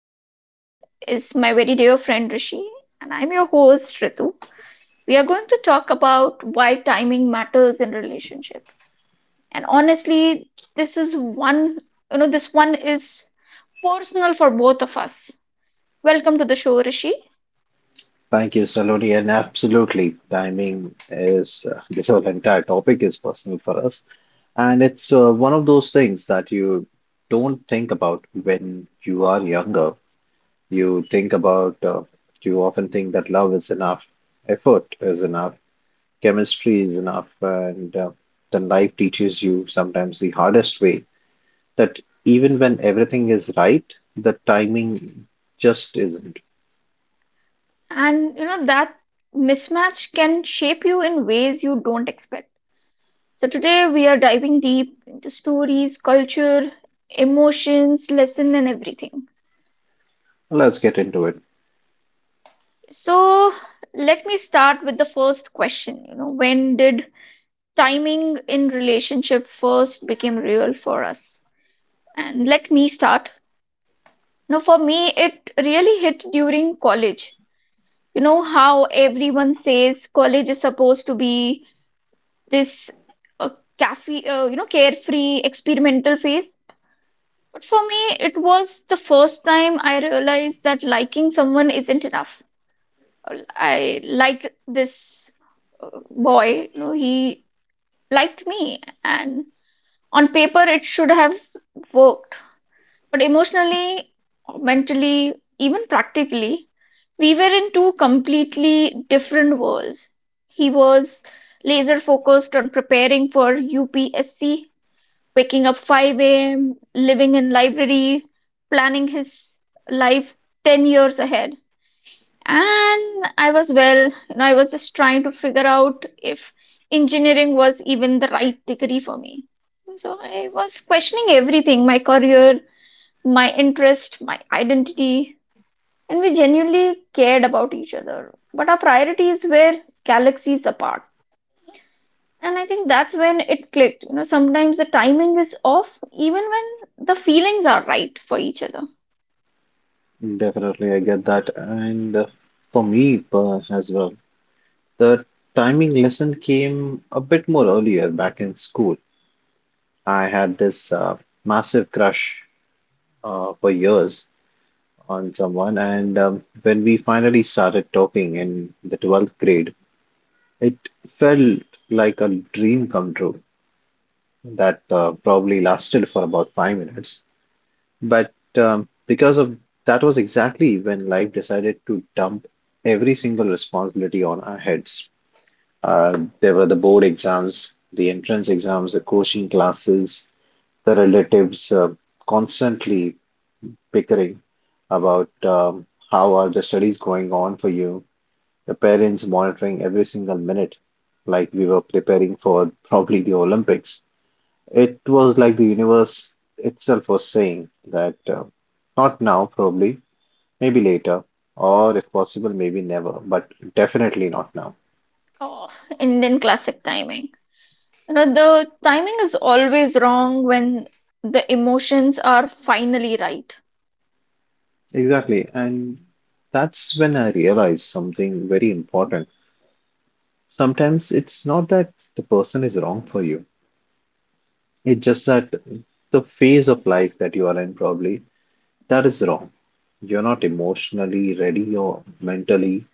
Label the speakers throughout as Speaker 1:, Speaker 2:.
Speaker 1: joining is my very dear friend Rishi, and I'm your host Ritu. We are going to talk about why timing matters in relationship. And honestly, this is one, this one is personal for both of us. Welcome to the show, Rishi.
Speaker 2: Thank you, Saloni. And absolutely, timing is this whole entire topic is personal for us. And it's one of those things that you don't think about when you are younger. You think about, you often think that love is enough, effort is enough, chemistry is enough. And then life teaches you sometimes the hardest way that even when everything is right, the timing just isn't.
Speaker 1: And you know that mismatch can shape you in ways you don't expect. So today we are diving deep into stories, culture, emotions, lesson, and everything.
Speaker 2: Let's get into it.
Speaker 1: So let me start with the first question. You know, when did timing in relationship first became real for us? And let me start now. For me, it really hit during college. You know how everyone says college is supposed to be this uh, you know, carefree experimental phase. But for me, it was the first time I realized that liking someone isn't enough. I liked this boy, you know, he liked me, and on paper, it should have worked. But emotionally, mentally, even practically, we were in two completely different worlds. He was laser focused on preparing for UPSC, waking up 5 a.m., living in library, planning his life 10 years ahead. And I was, well, you know, I was just trying to figure out if engineering was even the right degree for me. So I was questioning everything, my career, my interest, my identity, and we genuinely cared about each other. But our priorities were galaxies apart. And I think that's when it clicked. You know, sometimes the timing is off, even when the feelings are right for each other.
Speaker 2: Definitely, I get that. And for me as well, the timing lesson came a bit more earlier back in school. I had this massive crush for years on someone, and when we finally started talking in the 12th grade, it felt like a dream come true that probably lasted for about 5 minutes. But because of that was exactly when life decided to dump every single responsibility on our heads. There were the board exams, the entrance exams, the coaching classes, the relatives constantly bickering about how are the studies going on for you, the parents monitoring every single minute, like we were preparing for probably the Olympics. It was like the universe itself was saying that not now, probably, maybe later, or if possible, maybe never, but definitely not now.
Speaker 1: Oh, Indian classic timing. You know, the timing is always wrong when the emotions are finally right.
Speaker 2: Exactly. And that's when I realized something very important. Sometimes it's not that the person is wrong for you, it's just that the phase of life that you are in, probably, that is wrong. You're not emotionally ready or mentally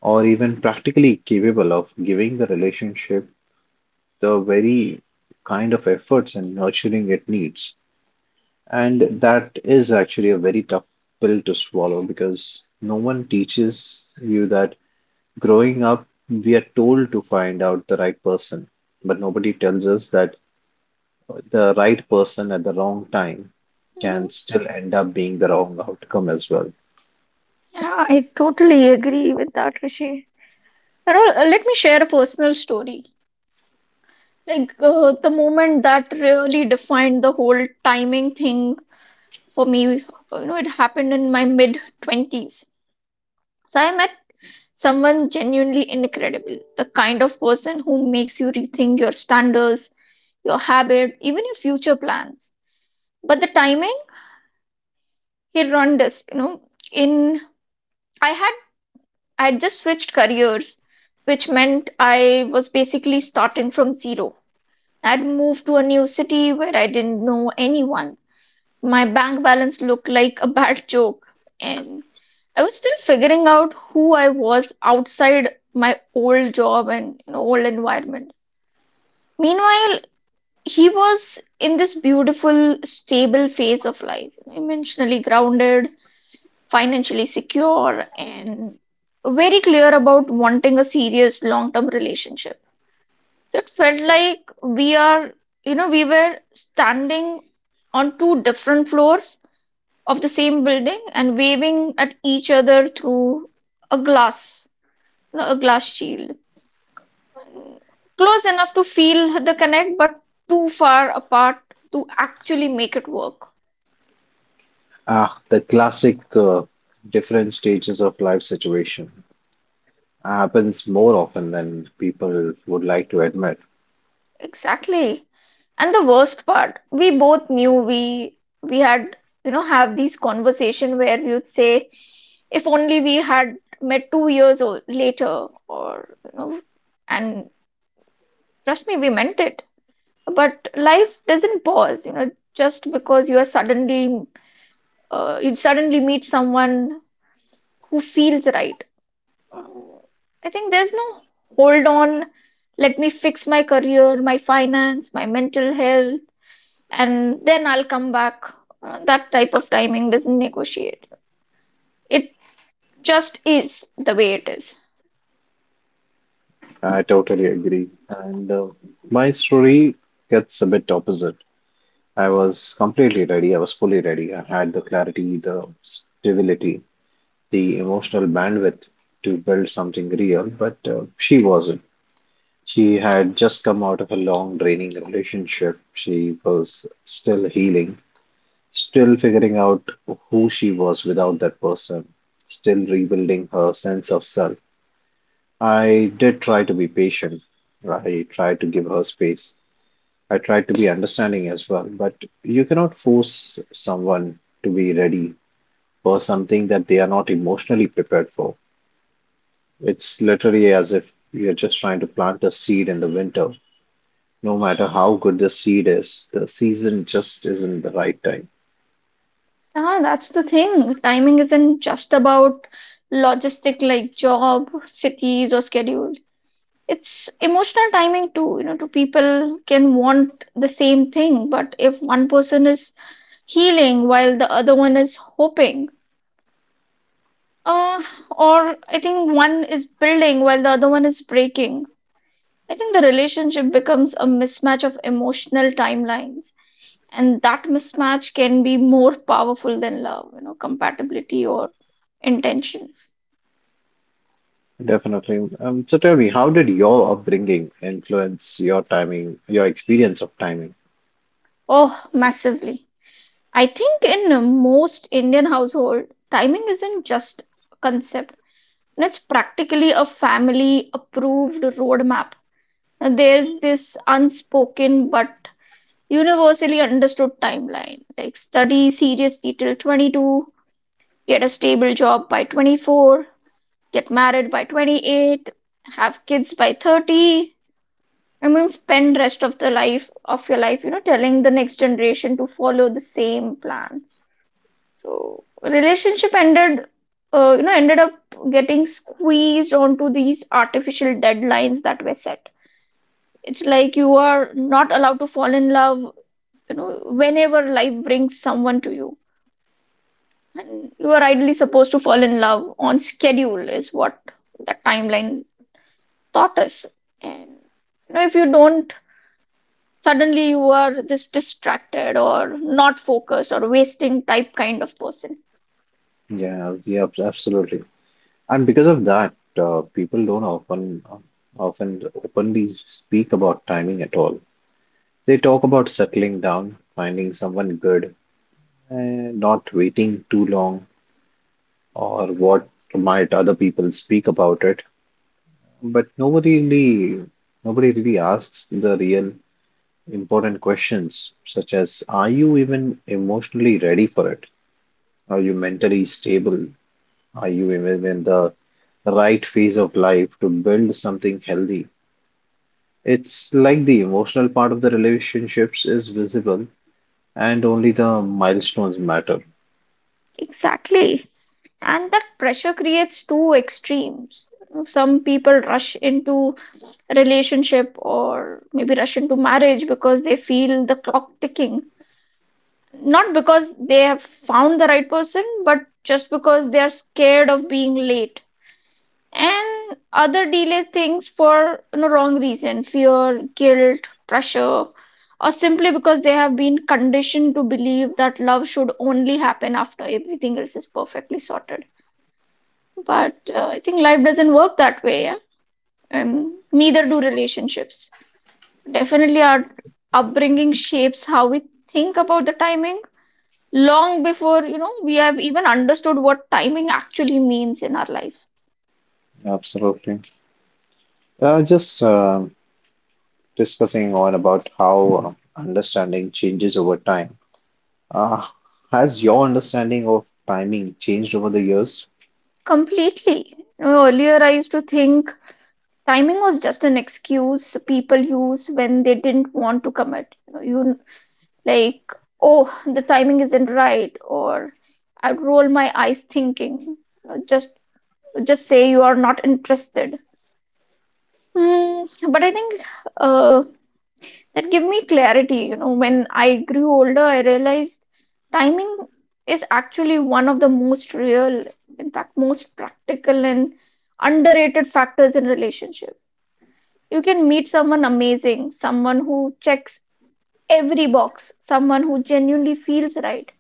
Speaker 2: or even practically capable of giving the relationship the very kind of efforts and nurturing it needs. And that is actually a very tough pill to swallow because no one teaches you that growing up, we are told to find out the right person, but nobody tells us that the right person at the wrong time
Speaker 1: Hmm.
Speaker 2: can still end up being the wrong outcome as well.
Speaker 1: Yeah, I totally agree with that, Rishi. You know, let me share a personal story. Like, the moment that really defined the whole timing thing for me, you know, it happened in my mid 20s. So I met someone genuinely incredible, the kind of person who makes you rethink your standards, your habit, even your future plans. But the timing, he run this, you know, in I had I had just switched careers, which meant I was basically starting from zero. I'd moved to a new city where I didn't know anyone. My bank balance looked like a bad joke, and I was still figuring out who I was outside my old job and, you know, old environment. Meanwhile, he was in this beautiful, stable phase of life, emotionally grounded, financially secure, and very clear about wanting a serious long term relationship. So it felt like we are, you know, we were standing on two different floors of the same building and waving at each other through a glass, no, a glass shield. Close enough to feel the connect, but too far apart to actually make it work.
Speaker 2: Ah, the classic different stages of life situation happens more often than people would like to admit.
Speaker 1: Exactly. And the worst part, we both knew we had, you know, have these conversation where we would say, if only we had met 2 years or later, or you know, and trust me, we meant it. But life doesn't pause, you know, just because you are you suddenly meet someone who feels right. Um, I think there's no hold on, let me fix my career, my finance, my mental health, and then I'll come back. That type of timing doesn't negotiate. It just is the way it is.
Speaker 2: I totally agree. And my story gets a bit opposite. I was completely ready. I was fully ready. I had the clarity, the stability, the emotional bandwidth to build something real, but she wasn't. She had just come out of a long, draining relationship. She was still healing, still figuring out who she was without that person, still rebuilding her sense of self. I did try to be patient. I tried to give her space. I tried to be understanding as well. But you cannot force someone to be ready for something that they are not emotionally prepared for. It's literally as if you're just trying to plant a seed in the winter. No matter how good the seed is, the season just isn't the right time.
Speaker 1: Ah, that's the thing. Timing isn't just about logistic like job, cities, or schedule. It's emotional timing too. You know, two people can want the same thing, but if one person is healing while the other one is hoping, Uh, or I think one is building while the other one is breaking. I think the relationship becomes a mismatch of emotional timelines, and that mismatch can be more powerful than love, you know, compatibility or intentions.
Speaker 2: Definitely. So tell me, how did your upbringing influence your timing, your experience of timing?
Speaker 1: Oh, massively. I think in most Indian household, timing isn't just a concept. And it's practically a family approved roadmap. Now, there's this unspoken but universally understood timeline like study seriously till 22, get a stable job by 24, get married by 28, have kids by 30, and then spend rest of the life of your life, you know, telling the next generation to follow the same plan. So relationship ended, you know, ended up getting squeezed onto these artificial deadlines that were set. It's like you are not allowed to fall in love, you know, whenever life brings someone to you. And you are ideally supposed to fall in love on schedule, is what that timeline taught us. And, you know, if you don't, suddenly you are this distracted or not focused or wasting type kind of person.
Speaker 2: Yeah, yeah, absolutely. And because of that, people don't often often openly speak about timing at all. They talk about settling down, finding someone good, and not waiting too long, or what might other people speak about it. But nobody really asks the real important questions, such as, are you even emotionally ready for it? Are you mentally stable? Are you even in the right phase of life to build something healthy? It's like the emotional part of the relationships is visible and only the milestones matter.
Speaker 1: Exactly. And that pressure creates two extremes. Some people rush into relationship or maybe rush into marriage because they feel the clock ticking. Not because they have found the right person, but just because they are scared of being late. And other delay things for, you know, wrong reason fear, guilt, pressure, or simply because they have been conditioned to believe that love should only happen after everything else is perfectly sorted. But I think life doesn't work that way, yeah? And neither do relationships. Definitely, our upbringing shapes how we think about the timing long before, you know, we have even understood what timing actually means in our life.
Speaker 2: Absolutely. Just discussing on about how understanding changes over time. Uh, has your understanding of timing changed over the years?
Speaker 1: Completely. You know, earlier, I used to think timing was just an excuse people use when they didn't want to commit. You know, you like, oh, the timing isn't right, or I'd roll my eyes thinking, you know, just say you are not interested. Hmm, but I think. Uh. That give me clarity. You know, when I grew older, I realized timing is actually one of the most real, in fact most practical and underrated factors in relationship. You can meet someone amazing, someone who checks every box, someone who genuinely feels right,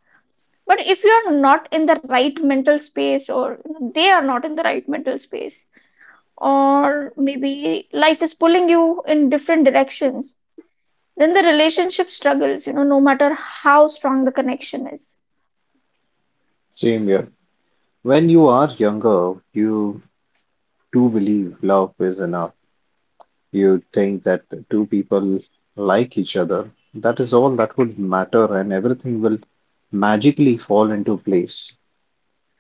Speaker 1: but if you're not in the right mental space, or they are not in the right mental space, or maybe life is pulling you in different directions, then the relationship struggles, you know, no matter how strong the connection is.
Speaker 2: Same here. When you are younger, you do believe love is enough. You'd think that two people like each other, that is all that would matter, and everything will magically fall into place.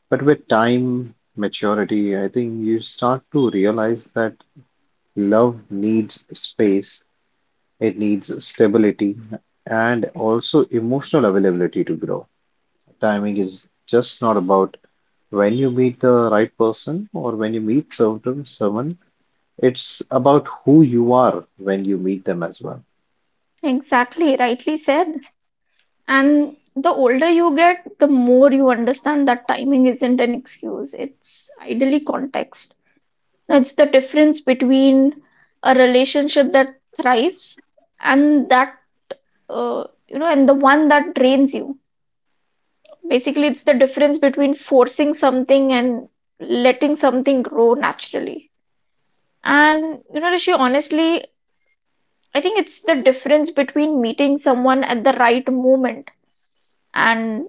Speaker 2: But with time, maturity, I think you start to realize that love needs space, it needs stability, and also emotional availability to grow. Timing is just not about when you meet the right person or when you meet certain someone, it's about who you are when you meet them as well.
Speaker 1: Exactly, rightly said. And the older you get, the more you understand that timing isn't an excuse, it's ideally context. It's the difference between a relationship that thrives and you know, and the one that drains you. Basically, it's the difference between forcing something and letting something grow naturally. And you know, Rishi, honestly, I think it's the difference between meeting someone at the right moment and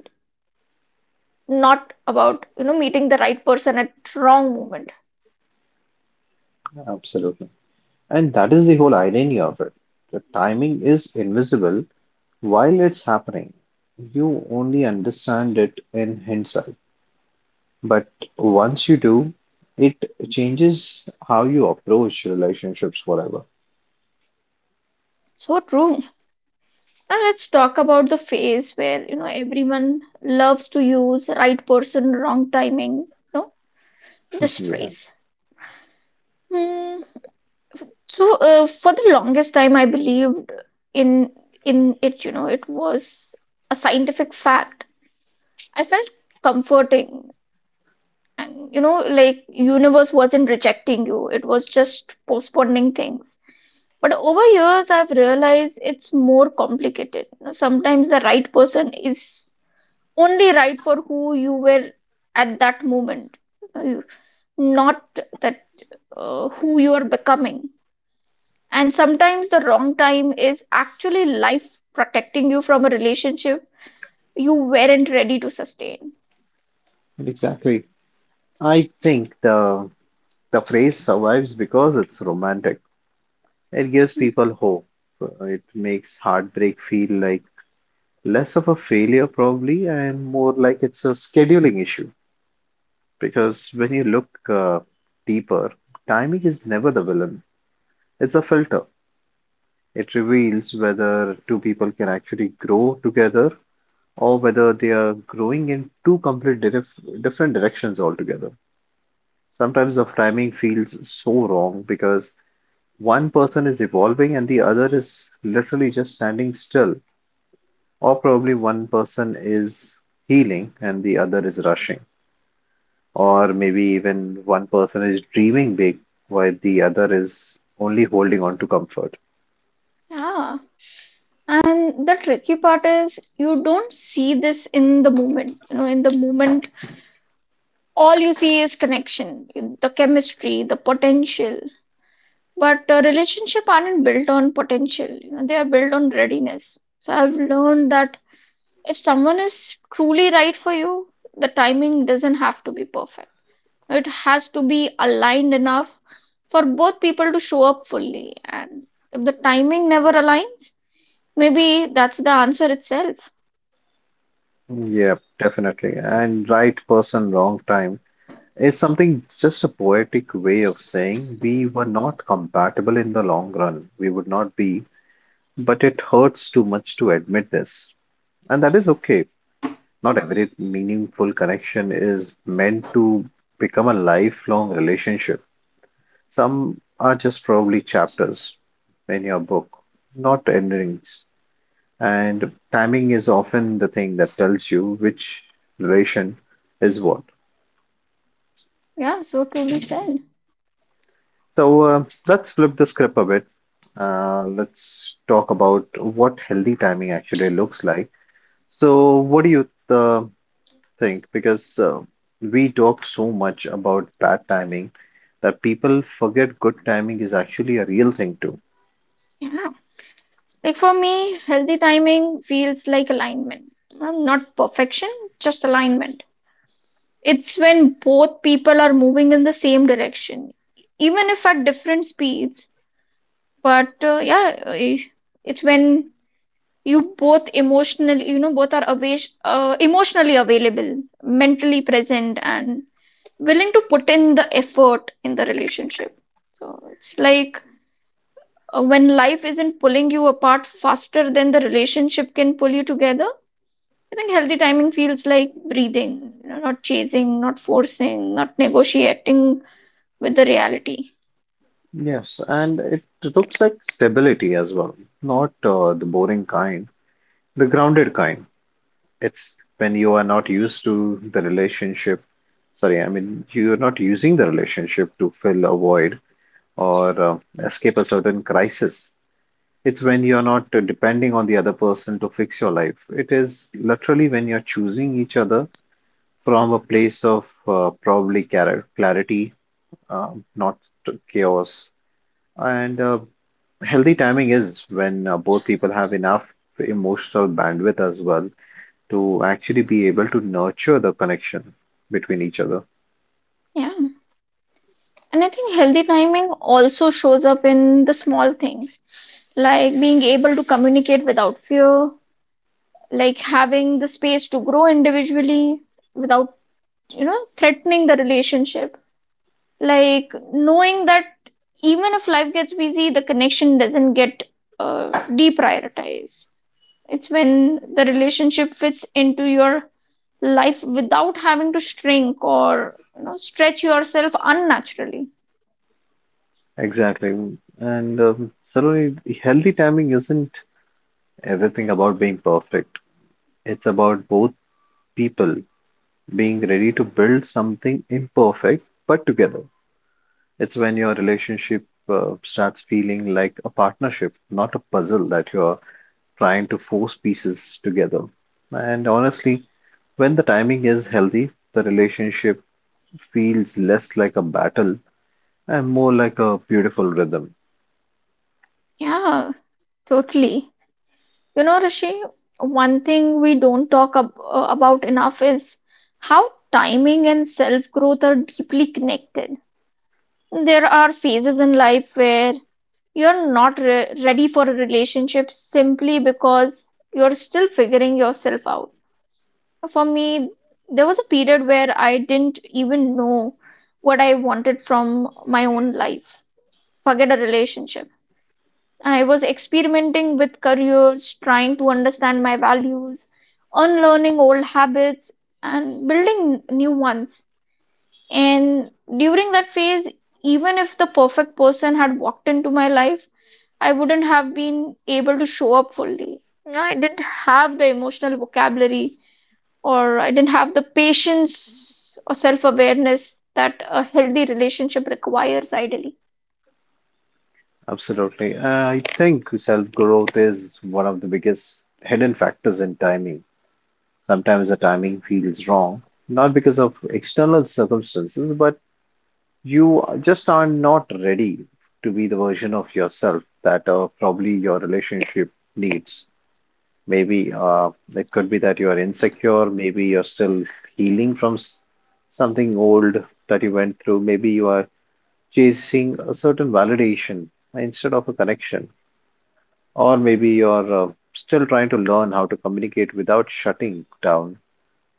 Speaker 1: not about, you know, meeting the right person at wrong moment.
Speaker 2: Absolutely. And that is the whole irony of it. The timing is invisible while it's happening. You only understand it in hindsight. But once you do, it changes how you approach relationships forever.
Speaker 1: So true. Now let's talk about the phase where, you know, everyone loves to use right person, wrong timing, no? This
Speaker 2: Yeah,
Speaker 1: phrase. Hmm. So for the longest time I believed in in it, you know, it was a scientific fact. I felt comforting. And, you know, like universe wasn't rejecting you, it was just postponing things. But over years I've realized it's more complicated. You know, sometimes the right person is only right for who you were at that moment, uh, you- not that who you are becoming. And sometimes the wrong time is actually life protecting you from a relationship you weren't ready to sustain.
Speaker 2: exactly. I think the phrase survives because it's romantic. It gives people hope. It makes heartbreak feel like less of a failure probably and more like it's a scheduling issue. Because when you look deeper, timing is never the villain. It's a filter. It reveals whether two people can actually grow together or whether they are growing in two different directions altogether. Sometimes the framing feels so wrong because one person is evolving and the other is literally just standing still, or probably one person is healing and the other is rushing. Or maybe even one person is dreaming big while the other is only holding on to comfort.
Speaker 1: Yeah. And the tricky part is you don't see this in the moment. You know, in the moment, all you see is connection, the chemistry, the potential. But relationship aren't built on potential. You know, they are built on readiness. So I've learned that if someone is truly right for you, the timing doesn't have to be perfect. It has to be aligned enough for both people to show up fully. And if the timing never aligns, maybe that's the answer itself.
Speaker 2: Yep, definitely. And right person, wrong time. It's something just a poetic way of saying we were not compatible in the long run. We would not be, but it hurts too much to admit this. And that is okay. Not every meaningful connection is meant to become a lifelong relationship. Some are just probably chapters in your book, not endings. And timing is often the thing that tells you which relation is what.
Speaker 1: Yeah, so truly said.
Speaker 2: So let's flip the script a bit. Let's talk about what healthy timing actually looks like. So, what do you uh, think? Because we talk so much about bad timing that people forget good timing is actually a real thing too.
Speaker 1: Yeah. Like for me, healthy timing feels like alignment. Not perfection, just alignment. It's when both people are moving in the same direction, even if at different speeds. But uh, yeah, eh, it's when you know, both are away, emotionally available, mentally present, and willing to put in the effort in the relationship. So it's like when life isn't pulling you apart faster than the relationship can pull you together. I think healthy timing feels like breathing, you know, not chasing, not forcing, not negotiating with the reality.
Speaker 2: Yes, and it looks like stability as well, not the boring kind, the grounded kind. It's when you are not used to the relationship. Sorry, I mean, you're not using the relationship to fill a void or escape a certain crisis. It's when you're not depending on the other person to fix your life. It is literally when you're choosing each other from a place of probably clarity, not chaos. And healthy timing is when both people have enough emotional bandwidth as well to actually be able to nurture the connection between each other.
Speaker 1: Yeah. And I think healthy timing also shows up in the small things, like being able to communicate without fear, like having the space to grow individually without, threatening the relationship, like knowing that even if life gets busy the connection doesn't get deprioritized. It's when the relationship fits into your life without having to shrink or stretch yourself unnaturally.
Speaker 2: Exactly. And certainly, healthy timing isn't everything about being perfect. It's about both people being ready to build something imperfect but together. It's when your relationship starts feeling like a partnership, not a puzzle that you're trying to force pieces together. And honestly, when the timing is healthy, the relationship feels less like a battle and more like a beautiful rhythm.
Speaker 1: Yeah, totally. You know, Rishi, one thing we don't talk about enough is how timing and self growth are deeply connected. There are phases in life where you're not ready for a relationship simply because you're still figuring yourself out. For me, there was a period where I didn't even know what I wanted from my own life. Forget a relationship. I was experimenting with careers, trying to understand my values, unlearning old habits, and building new ones. And during that phase, even if the perfect person had walked into my life, I wouldn't have been able to show up fully. Yeah, I didn't have the emotional vocabulary, or I didn't have the patience or self awareness that a healthy relationship requires, ideally.
Speaker 2: Absolutely. I think self growth is one of the biggest hidden factors in timing. Sometimes the timing feels wrong, not because of external circumstances, but you just are not ready to be the version of yourself that probably your relationship needs. Maybe it could be that you are insecure. Maybe you're still healing from something old that you went through. Maybe you are chasing a certain validation instead of a connection. Or maybe you're still trying to learn how to communicate without shutting down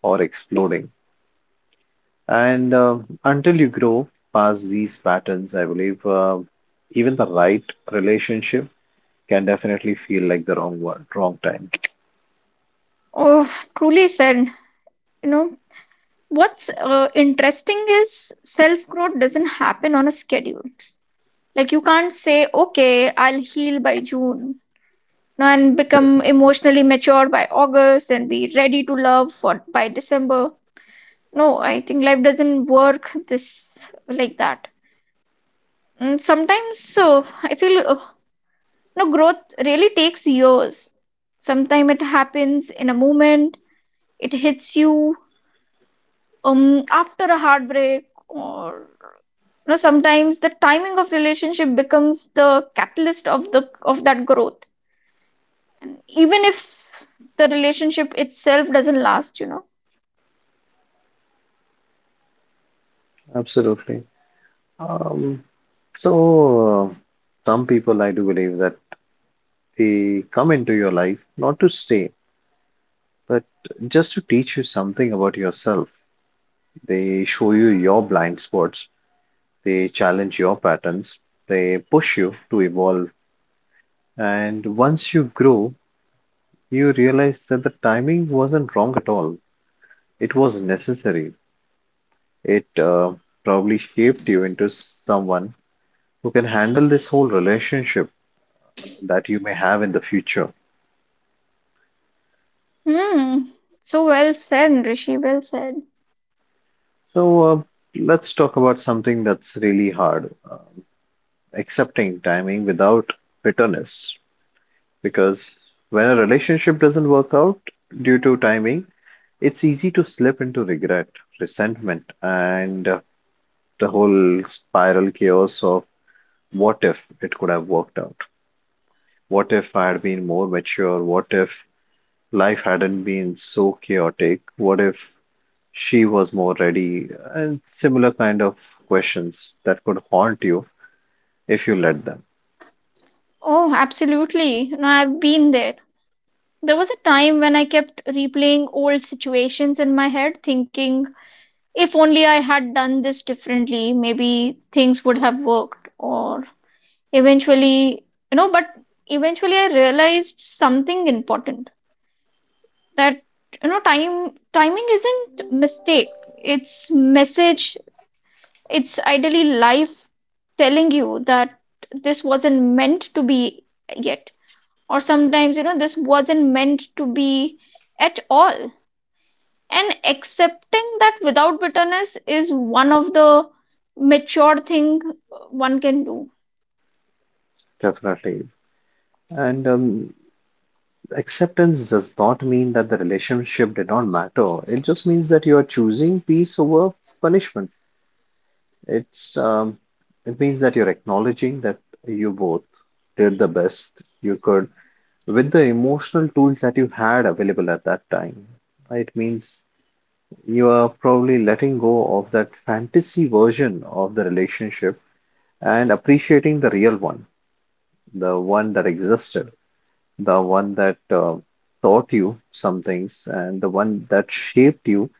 Speaker 2: or exploding. And until you grow past these patterns, I believe even the right relationship can definitely feel like the wrong one, wrong time.
Speaker 1: Oh, truly said. You know, what's interesting is self growth doesn't happen on a schedule. Like, you can't say, okay, I'll heal by June and become emotionally mature by August and be ready to love for by December. No, I think life doesn't work this like that. Sometimes so I feel no, growth really takes years. Sometimes it happens in a moment. It hits you, after a heartbreak. Or you know, sometimes the timing of relationship becomes the catalyst of that growth, even if the relationship itself doesn't last, you know.
Speaker 2: Absolutely. Um, So, some people I do believe that they come into your life not to stay, but just to teach you something about yourself. They show you your blind spots, they challenge your patterns, they push you to evolve. And once you grow, you realize that the timing wasn't wrong at all. It was necessary. It probably shaped you into someone who can handle this whole relationship that you may have in the future.
Speaker 1: Hmm, so well said, Rishi, well said.
Speaker 2: So let's talk about something that's really hard, accepting timing without bitterness. Because when a relationship doesn't work out due to timing, it's easy to slip into regret, resentment, and the whole spiral chaos of what if it could have worked out? What if I had been more mature? What if life hadn't been so chaotic? What if she was more ready? And similar kind of questions that could haunt you if you let them.
Speaker 1: Oh, absolutely. No, I've been there. There was a time when I kept replaying old situations in my head, thinking, if only I had done this differently, maybe things would have worked. Or eventually, you know, but eventually I realized something important, that, you know, time timing isn't mistake. It's message. It's ideally life telling you that this wasn't meant to be yet. Or sometimes, you know, this wasn't meant to be at all. And accepting that without bitterness is one of the mature thing one can do.
Speaker 2: Definitely. And acceptance does not mean that the relationship did not matter. It just means that you are choosing peace over punishment. It's um, it means that you're acknowledging that you both did the best you could with the emotional tools that you had available at that time. It means you are probably letting go of that fantasy version of the relationship and appreciating the real one, the one that existed, the one that taught you some things and the one that shaped you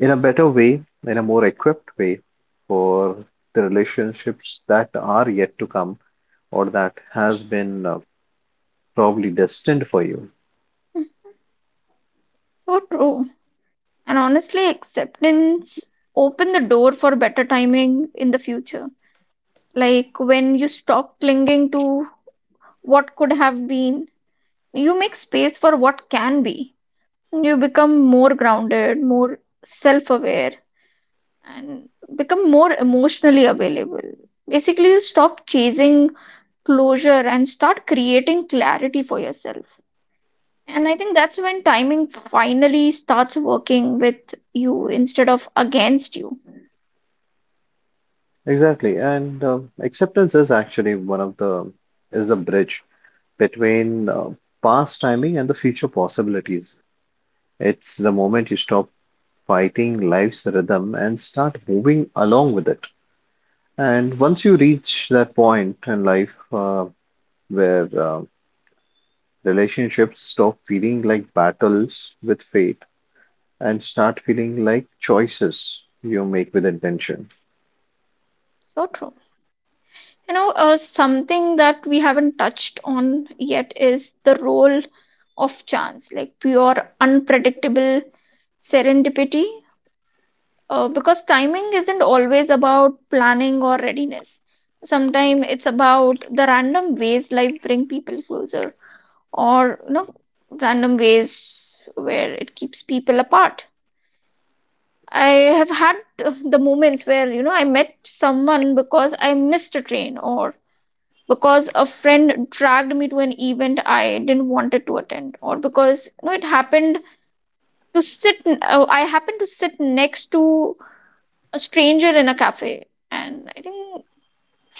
Speaker 2: in a better way, in a more equipped way for the relationships that are yet to come or that has been probably destined for you.
Speaker 1: So true. And honestly, acceptance open the door for better timing in the future. Like when you stop clinging to what could have been, you make space for what can be. You become more grounded, more self-aware, and become more emotionally available. Basically, you stop chasing closure and start creating clarity for yourself. And I think that's when timing finally starts working with you instead of against you.
Speaker 2: Exactly. And acceptance is actually one of the is the bridge between past timing and the future possibilities. It's the moment you stop fighting life's rhythm and start moving along with it. And once you reach that point in life where relationships stop feeling like battles with fate and start feeling like choices you make with intention.
Speaker 1: So true. You know, something that we haven't touched on yet is the role of chance, like pure, unpredictable serendipity. Because timing isn't always about planning or readiness. Sometimes it's about the random ways life bring people closer, or you know, random ways where it keeps people apart. I have had the moments where, you know, I met someone because I missed a train, or because a friend dragged me to an event I didn't wanted to attend, or because, you know, it happened to sit, I happened to sit next to a stranger in a cafe. And I think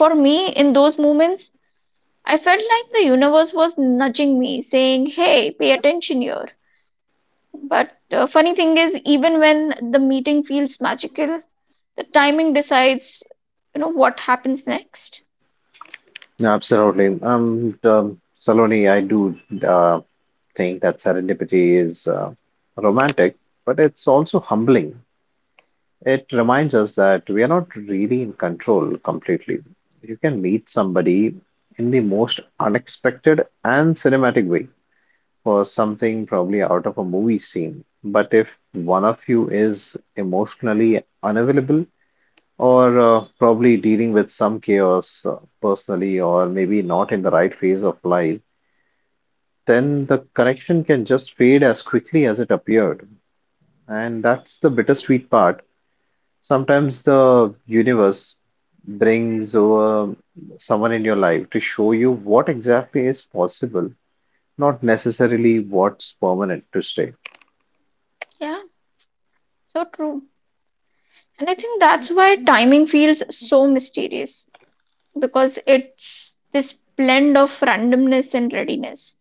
Speaker 1: for me in those moments, I felt like the universe was nudging me saying, hey, pay attention here. But funny thing is, even when the meeting feels magical, the timing decides, you know, what happens next.
Speaker 2: Absolutely. Saloni, I do uh, think that serendipity is romantic, but it's also humbling. It reminds us that we are not really in control completely. You can meet somebody in the most unexpected and cinematic way for something probably out of a movie scene. But if one of you is emotionally unavailable or probably dealing with some chaos personally or maybe not in the right phase of life, then the connection can just fade as quickly as it appeared. And that's the bittersweet part. Sometimes the universe brings over someone in your life to show you what exactly is possible, not necessarily what's permanent to stay.
Speaker 1: Yeah, so true. And I think that's why timing feels so mysterious, because it's this blend of randomness and readiness.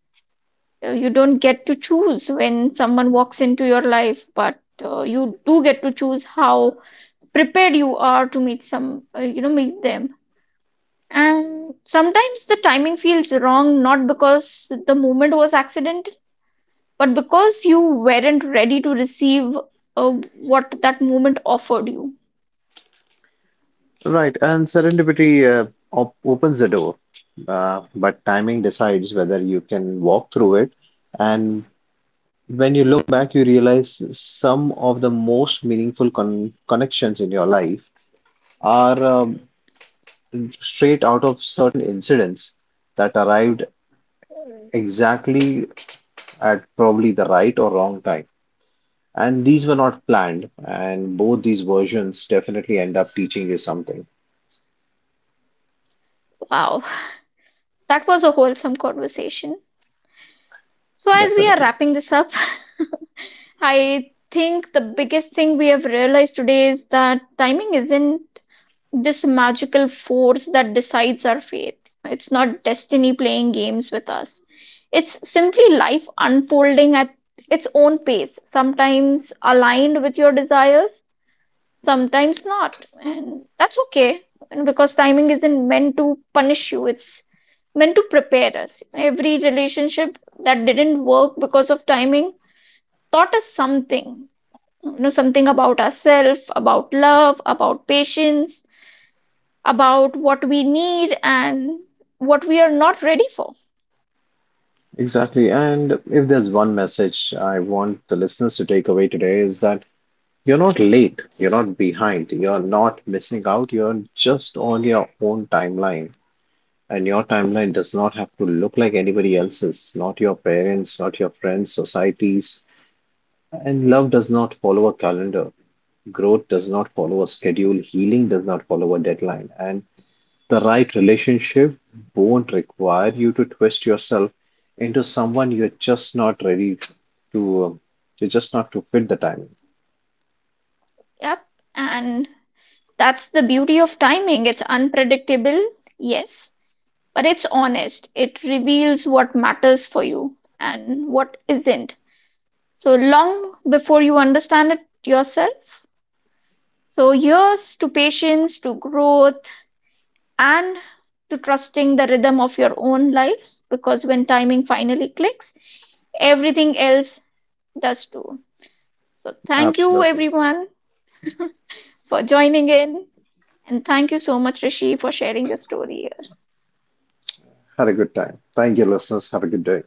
Speaker 1: You don't get to choose when someone walks into your life, but you do get to choose how prepared you are to meet meet them. And sometimes the timing feels wrong, not because the moment was accidental, but because you weren't ready to receive uh, what that moment offered you.
Speaker 2: Right, and serendipity op opens the door, but timing decides whether you can walk through it. And when you look back, you realize some of the most meaningful connections in your life are straight out of certain incidents that arrived exactly at probably the right or wrong time. And these were not planned, and both these versions definitely end up teaching you something,
Speaker 1: Wow, that was a wholesome conversation. So, as we are
Speaker 2: definitely.
Speaker 1: wrapping this up, I think the biggest thing we have realized today is that timing isn't this magical force that decides our fate. It's not destiny playing games with us. It's simply life unfolding at its own pace, sometimes aligned with your desires, sometimes not. And that's okay, and because timing isn't meant to punish you, it's meant to prepare us. Every relationship that didn't work because of timing taught us something. You know, something about ourselves, about love, about patience, about what we need and what we are not ready for.
Speaker 2: Exactly. And if there's one message I want the listeners to take away today is that you're not late, you're not behind, you're not missing out, you're just on your own timeline. And your timeline does not have to look like anybody else's, not your parents, not your friends, societies. And love does not follow a calendar. Growth does not follow a schedule. Healing does not follow a deadline. And the right relationship won't require you to twist yourself into someone to, um, you're just not to fit the timing.
Speaker 1: Yep. And that's the beauty of timing. It's unpredictable, yes, but it's honest. It reveals what matters for you and what isn't. So long before you understand it yourself. So here's to patience, to growth, and to trusting the rhythm of your own lives, because when timing finally clicks, everything else does too. So thank you,
Speaker 2: Absolutely.
Speaker 1: everyone, for joining in. And thank you so much, Rishi, for sharing your story.
Speaker 2: Had a good time. Thank you, listeners. Have a good day.